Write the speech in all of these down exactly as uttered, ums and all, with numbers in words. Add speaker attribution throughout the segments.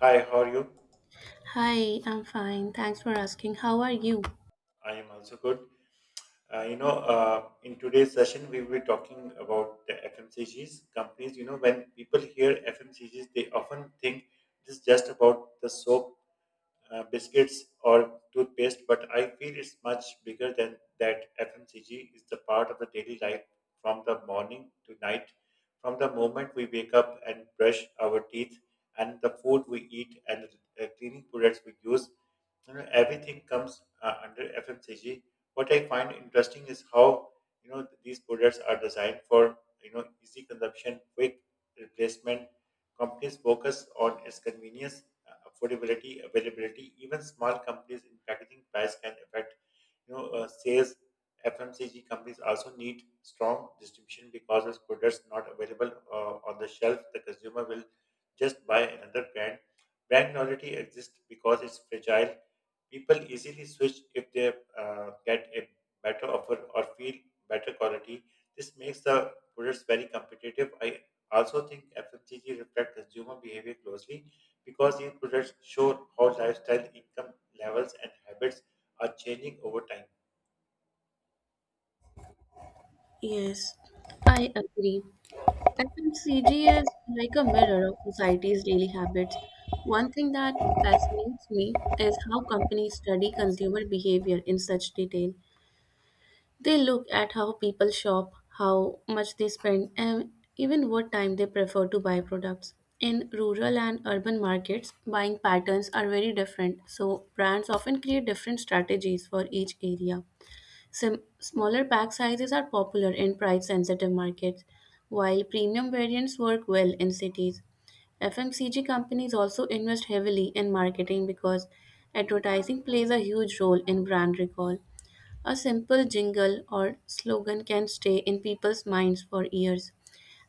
Speaker 1: Hi, how are you?
Speaker 2: Hi, I'm fine. Thanks for asking. How are you?
Speaker 1: I am also good. Uh, you know, uh, in today's session, we will be talking about the F M C Gs companies. You know, when people hear F M C Gs, they often think this is just about the soap, uh, biscuits, or toothpaste, but I feel it's much bigger than that. F M C G is the part of the daily life from the morning to night. From the moment we wake up and brush our teeth, and the food we eat, and the uh, cleaning products we use, you know, everything comes uh, under F M C G. What I find interesting is how you know these products are designed for you know easy consumption, quick replacement. Companies focus on its convenience, uh, affordability, availability. Even small companies in packaging price can affect you know, uh, sales. F M C G companies also need strong distribution because as products not available uh, on the shelf, the consumer will just buy another brand. Brand loyalty exists because it's fragile. People easily switch if they uh, get a better offer or feel better quality. This makes the products very competitive. I also think F M C G reflect consumer behavior closely because these products show how lifestyle, income levels, and habits are changing over time.
Speaker 2: Yes, I agree. F M C G is like a mirror of society's daily habits. One thing that fascinates me is how companies study consumer behavior in such detail. They look at how people shop, how much they spend, and even what time they prefer to buy products. In rural and urban markets, buying patterns are very different, so brands often create different strategies for each area. Sim- smaller pack sizes are popular in price-sensitive markets, while premium variants work well in cities. F M C G companies also invest heavily in marketing because advertising plays a huge role in brand recall. A simple jingle or slogan can stay in people's minds for years.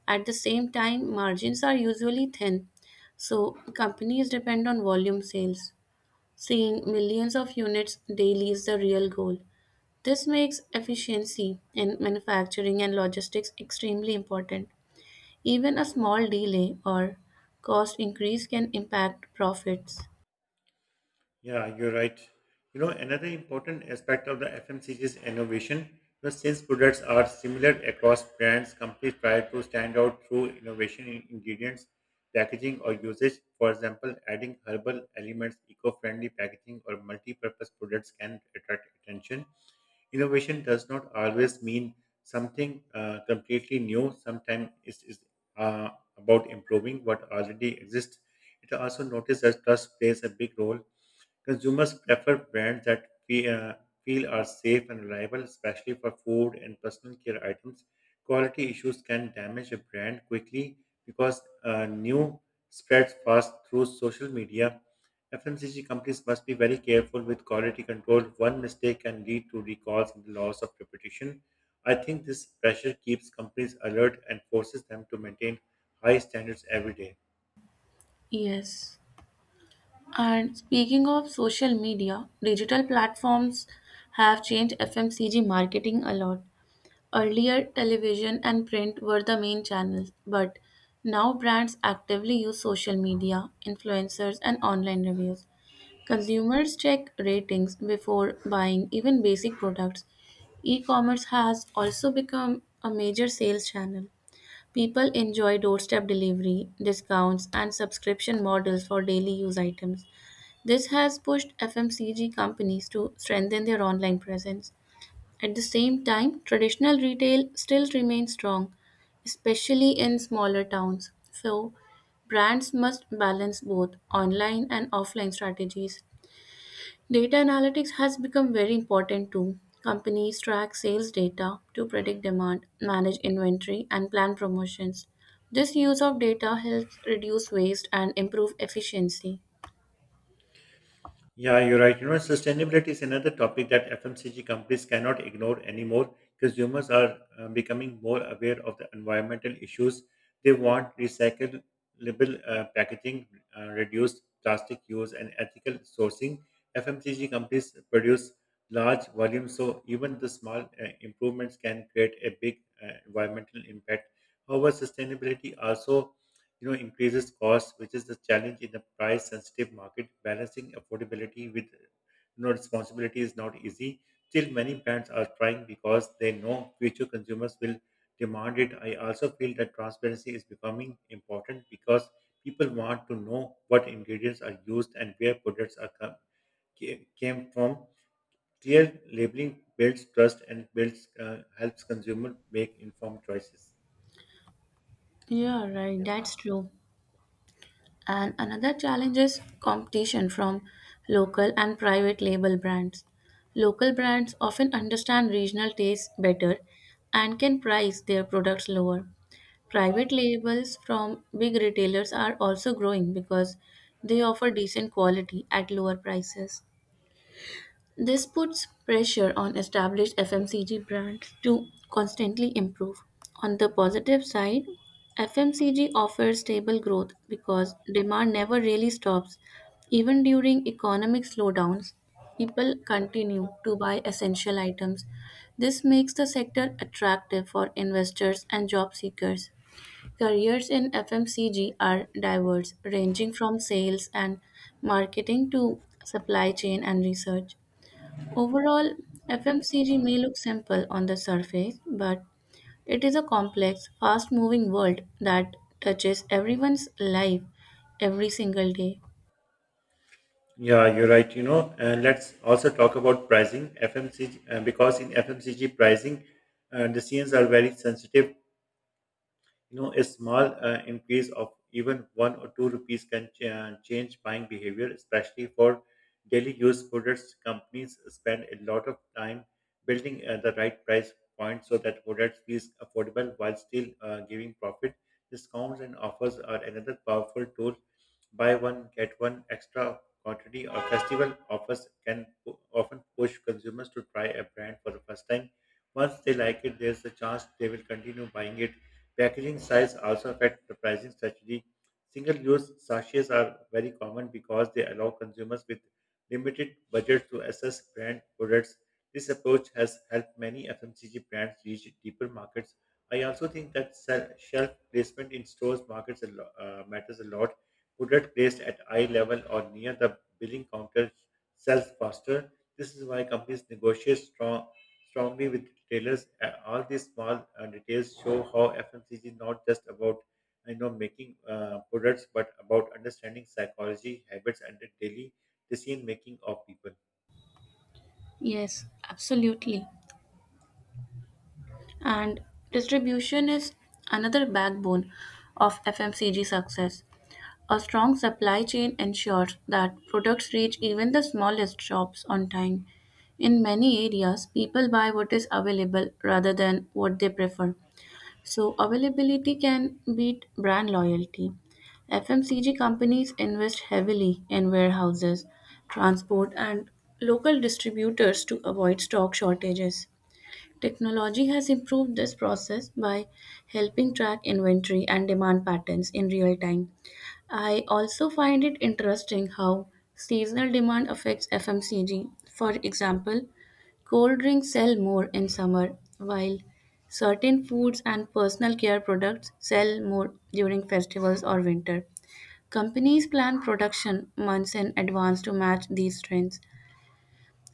Speaker 2: At the same time, margins are usually thin, so companies depend on volume sales. Seeing millions of units daily is the real goal. This makes efficiency in manufacturing and logistics extremely important. Even a small delay or cost increase can impact profits.
Speaker 1: Yeah, you're right. You know, another important aspect of the F M C G is innovation. You know, since products are similar across brands, companies try to stand out through innovation in ingredients, packaging, or usage. For example, adding herbal elements, eco-friendly packaging, or multi-purpose products can attract attention. Innovation does not always mean something uh, completely new. Sometimes it is uh, about improving what already exists. It also noticed that trust plays a big role. Consumers prefer brands that fe- uh, feel are safe and reliable, especially for food and personal care items. Quality issues can damage a brand quickly because uh, new spreads fast through social media. F M C G companies must be very careful with quality control. One mistake can lead to recalls and the loss of reputation. I think this pressure keeps companies alert and forces them to maintain high standards every day.
Speaker 2: Yes. And speaking of social media, digital platforms have changed F M C G marketing a lot. Earlier, television and print were the main channels, but now brands actively use social media, influencers, and online reviews. Consumers check ratings before buying even basic products. E commerce has also become a major sales channel. People enjoy doorstep delivery, discounts, and subscription models for daily use items. This has pushed F M C G companies to strengthen their online presence. At the same time, traditional retail still remains strong, especially in smaller towns. So, brands must balance both online and offline strategies. Data analytics has become very important too. Companies track sales data to predict demand, manage inventory, and plan promotions. This use of data helps reduce waste and improve efficiency.
Speaker 1: Yeah, you're right. You know, sustainability is another topic that F M C G companies cannot ignore anymore. Consumers are uh, becoming more aware of the environmental issues. They want recyclable uh, packaging, uh, reduced plastic use, and ethical sourcing. F M C G companies produce large volumes, so even the small uh, improvements can create a big uh, environmental impact. However, sustainability also you know increases costs, which is the challenge in a price-sensitive market. Balancing affordability with you know responsibility is not easy. Still, many brands are trying because they know future consumers will demand it. I also feel that transparency is becoming important because people want to know what ingredients are used and where products are come, ca- came from. Clear labeling builds trust and builds uh, helps consumer make informed choices.
Speaker 2: Yeah, right, that's true. And another challenge is competition from local and private label brands. Local brands often understand regional tastes better and can price their products lower. Private labels from big retailers are also growing because they offer decent quality at lower prices. This puts pressure on established F M C G brands to constantly improve. On the positive side, F M C G offers stable growth because demand never really stops. Even during economic slowdowns, people continue to buy essential items. This makes the sector attractive for investors and job seekers. Careers in F M C G are diverse, ranging from sales and marketing to supply chain and research. Overall, F M C G may look simple on the surface, but it is a complex, fast moving world that touches everyone's life every single day.
Speaker 1: Yeah, you're right. You know, and let's also talk about pricing F M C G uh, because in F M C G pricing, uh, decisions are very sensitive. You know, a small uh, increase of even one or two rupees can ch- uh, change buying behavior, especially for daily use products. Companies spend a lot of time building uh, the right price point so that products feels affordable while still uh, giving profit. Discounts and offers are another powerful tool. Buy one get one extra quantity or festival offers can pu- often push consumers to try a brand for the first time. Once they like it, there's a chance they will continue buying it. Packaging size also affects the pricing strategy. Single-use sachets are very common because they allow consumers with limited budget to assess brand products. This approach has helped many F M C G brands reach deeper markets. I also think that se- shelf placement in stores markets a lo- uh, matters a lot. Product placed at eye level or near the billing counter sells faster. This is why companies negotiate strong strongly with retailers. Uh, All these small uh, details show how F M C G is not just about you know making uh, products, but about understanding psychology, habits, and the daily decision making of people.
Speaker 2: Yes, absolutely. And distribution is another backbone of F M C G success. A strong supply chain ensures that products reach even the smallest shops on time. In many areas, people buy what is available rather than what they prefer. So, availability can beat brand loyalty. F M C G companies invest heavily in warehouses, transport, and local distributors to avoid stock shortages. Technology has improved this process by helping track inventory and demand patterns in real time. I also find it interesting how seasonal demand affects F M C G. For example, cold drinks sell more in summer, while certain foods and personal care products sell more during festivals or winter. Companies plan production months in advance to match these trends.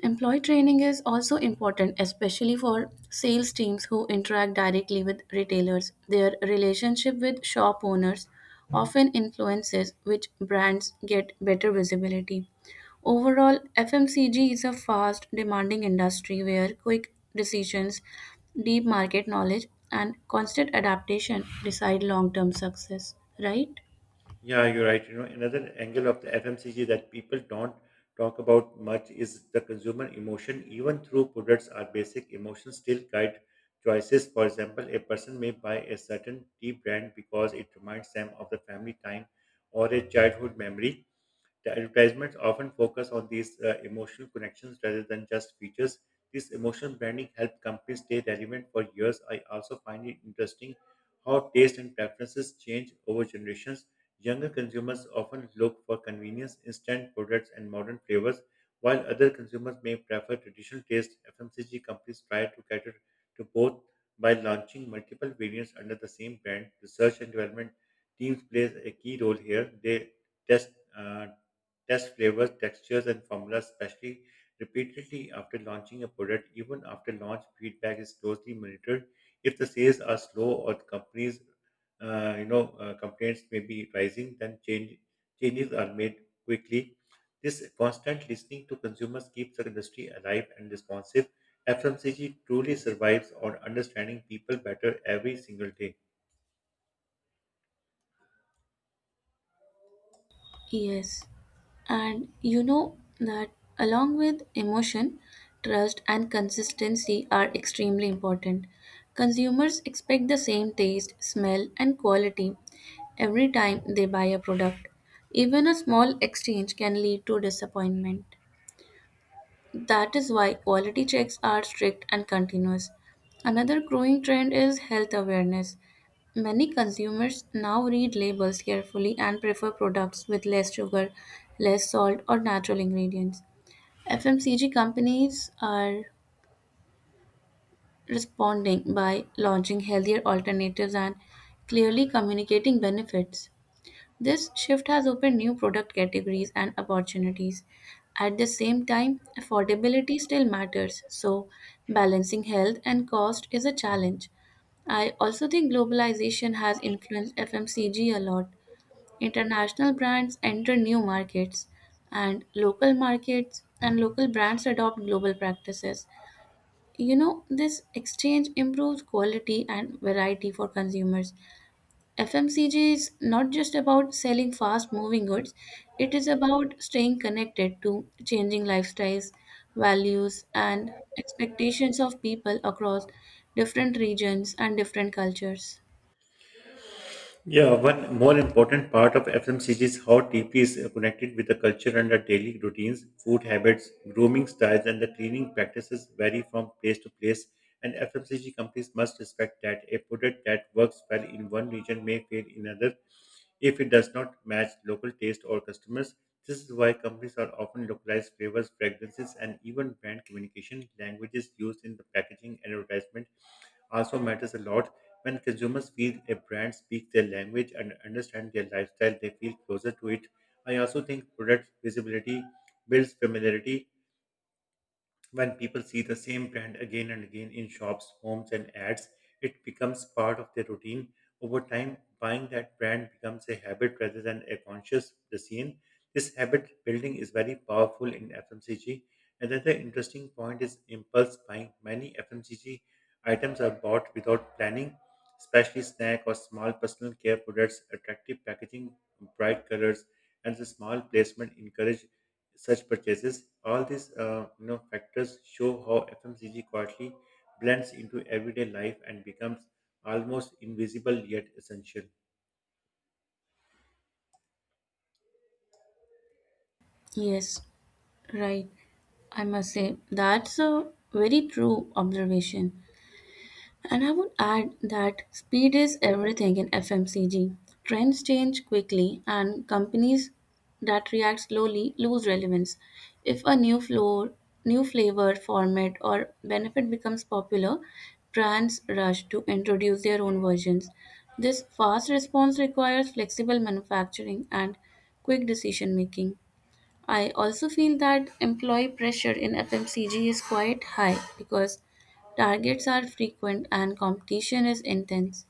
Speaker 2: Employee training is also important, especially for sales teams who interact directly with retailers. Their relationship with shop owners often influences which brands get better visibility. Overall, F M C G is a fast, demanding industry where quick decisions, deep market knowledge, and constant adaptation decide long term success, right?
Speaker 1: Yeah, you're right. You know, another angle of the F M C G that people don't talk about much is the consumer emotion. Even through products, our basic emotions still guide choices. For example, a person may buy a certain tea brand because it reminds them of the family time or a childhood memory. The advertisements often focus on these uh, emotional connections rather than just features. This emotional branding helps companies stay relevant for years. I also find it interesting how taste and preferences change over generations. Younger consumers often look for convenience, instant products, and modern flavors, while other consumers may prefer traditional taste. F M C G companies try to cater to both by launching multiple variants under the same brand. Research and development teams plays a key role here. They test uh, test flavors, textures, and formulas, especially repeatedly after launching a product. Even after launch, feedback is closely monitored. If the sales are slow or the companies, uh, you know, uh, complaints may be rising, then change, changes are made quickly. This constant listening to consumers keeps the industry alive and responsive. F M C G truly survives on understanding people better every single day.
Speaker 2: Yes, and you know that along with emotion, trust, and consistency are extremely important. Consumers expect the same taste, smell, and quality every time they buy a product. Even a small exchange can lead to disappointment. That is why quality checks are strict and continuous. Another growing trend is health awareness. Many consumers now read labels carefully and prefer products with less sugar, less salt, or natural ingredients. F M C G companies are responding by launching healthier alternatives and clearly communicating benefits. This shift has opened new product categories and opportunities. At the same time, affordability still matters, so balancing health and cost is a challenge. I also think globalization has influenced F M C G a lot. International brands enter new markets, and local markets and local brands adopt global practices. You know, this exchange improves quality and variety for consumers. F M C G is not just about selling fast moving goods, it is about staying connected to changing lifestyles, values, and expectations of people across different regions and different cultures.
Speaker 1: Yeah, one more important part of F M C G is how deeply is connected with the culture and the daily routines, food habits, grooming styles, and the cleaning practices vary from place to place. And F M C G companies must respect that a product that works well in one region may fail in another if it does not match local taste or customers. This is why companies are often localized flavors, fragrances, and even brand communication. Languages used in the packaging and advertisement also matters a lot. When consumers feel a brand speaks their language and understand their lifestyle, they feel closer to it. I also think product visibility builds familiarity. When people see the same brand again and again in shops, homes, and ads, it becomes part of their routine. Over time, buying that brand becomes a habit rather than a conscious decision. This habit building is very powerful in F M C G. Another interesting point is impulse buying. Many F M C G items are bought without planning, especially snack or small personal care products. Attractive packaging, bright colors, and the small placement encourage such purchases. All these uh, you know, factors show how F M C G quietly blends into everyday life and becomes almost invisible yet essential.
Speaker 2: Yes, right. I must say that's a very true observation. And I would add that speed is everything in F M C G. Trends change quickly, and companies that react slowly lose relevance. If a new floor, New flavor, format, or benefit becomes popular, brands rush to introduce their own versions. This fast response requires flexible manufacturing and quick decision making. I also feel that employee pressure in F M C G is quite high because targets are frequent and competition is intense.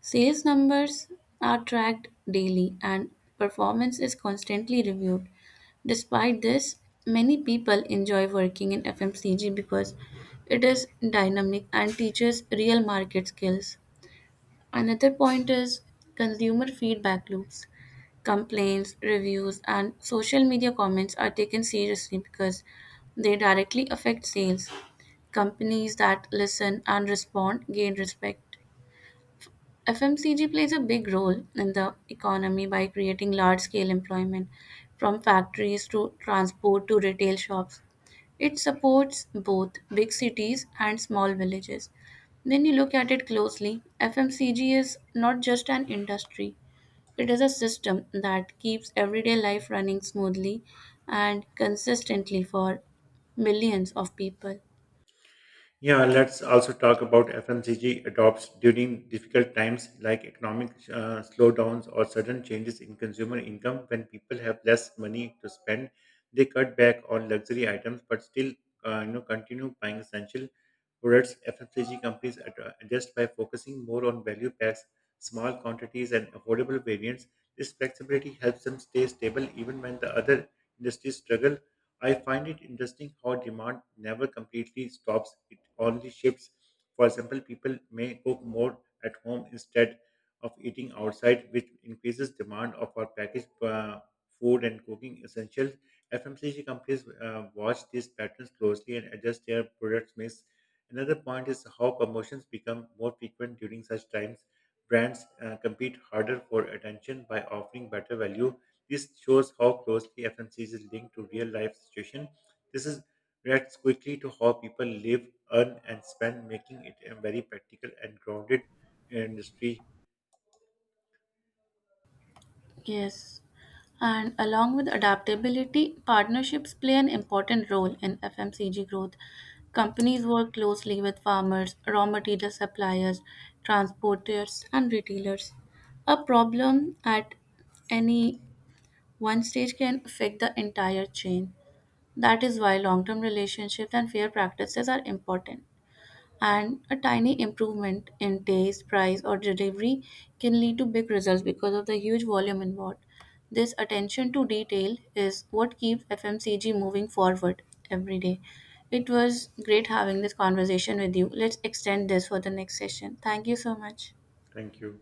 Speaker 2: Sales numbers are tracked daily and performance is constantly reviewed. Despite this, many people enjoy working in F M C G because it is dynamic and teaches real market skills. Another point is consumer feedback loops: complaints, reviews, and social media comments are taken seriously because they directly affect sales. Companies that listen and respond gain respect. F M C G plays a big role in the economy by creating large scale employment from factories to transport to retail shops. It supports both big cities and small villages. When you look at it closely, F M C G is not just an industry, it is a system that keeps everyday life running smoothly and consistently for millions of people.
Speaker 1: Yeah, let's also talk about F M C G adopts during difficult times like economic uh, slowdowns or sudden changes in consumer income. When people have less money to spend, they cut back on luxury items but still uh, you know, continue buying essential products. F M C G companies ad- uh, adjust by focusing more on value packs, small quantities, and affordable variants. This flexibility helps them stay stable even when the other industries struggle. I find it interesting how demand never completely stops, it only shifts. For example, people may cook more at home instead of eating outside, which increases demand of our packaged uh, food and cooking essentials. F M C G companies uh, watch these patterns closely and adjust their product mix. Another point is how promotions become more frequent during such times. Brands uh, compete harder for attention by offering better value. This shows how closely F M C is linked to real life situation. This is reacts quickly to how people live, earn, and spend, making it a very practical and grounded uh, industry.
Speaker 2: Yes. And along with adaptability, partnerships play an important role in F M C G growth. Companies work closely with farmers, raw material suppliers, transporters, and retailers. A problem at any one stage can affect the entire chain. That is why long term relationships and fair practices are important. And a tiny improvement in taste, price, or delivery can lead to big results because of the huge volume involved. This attention to detail is what keeps F M C G moving forward every day. It was great having this conversation with you. Let's extend this for the next session. Thank you so much.
Speaker 1: Thank you.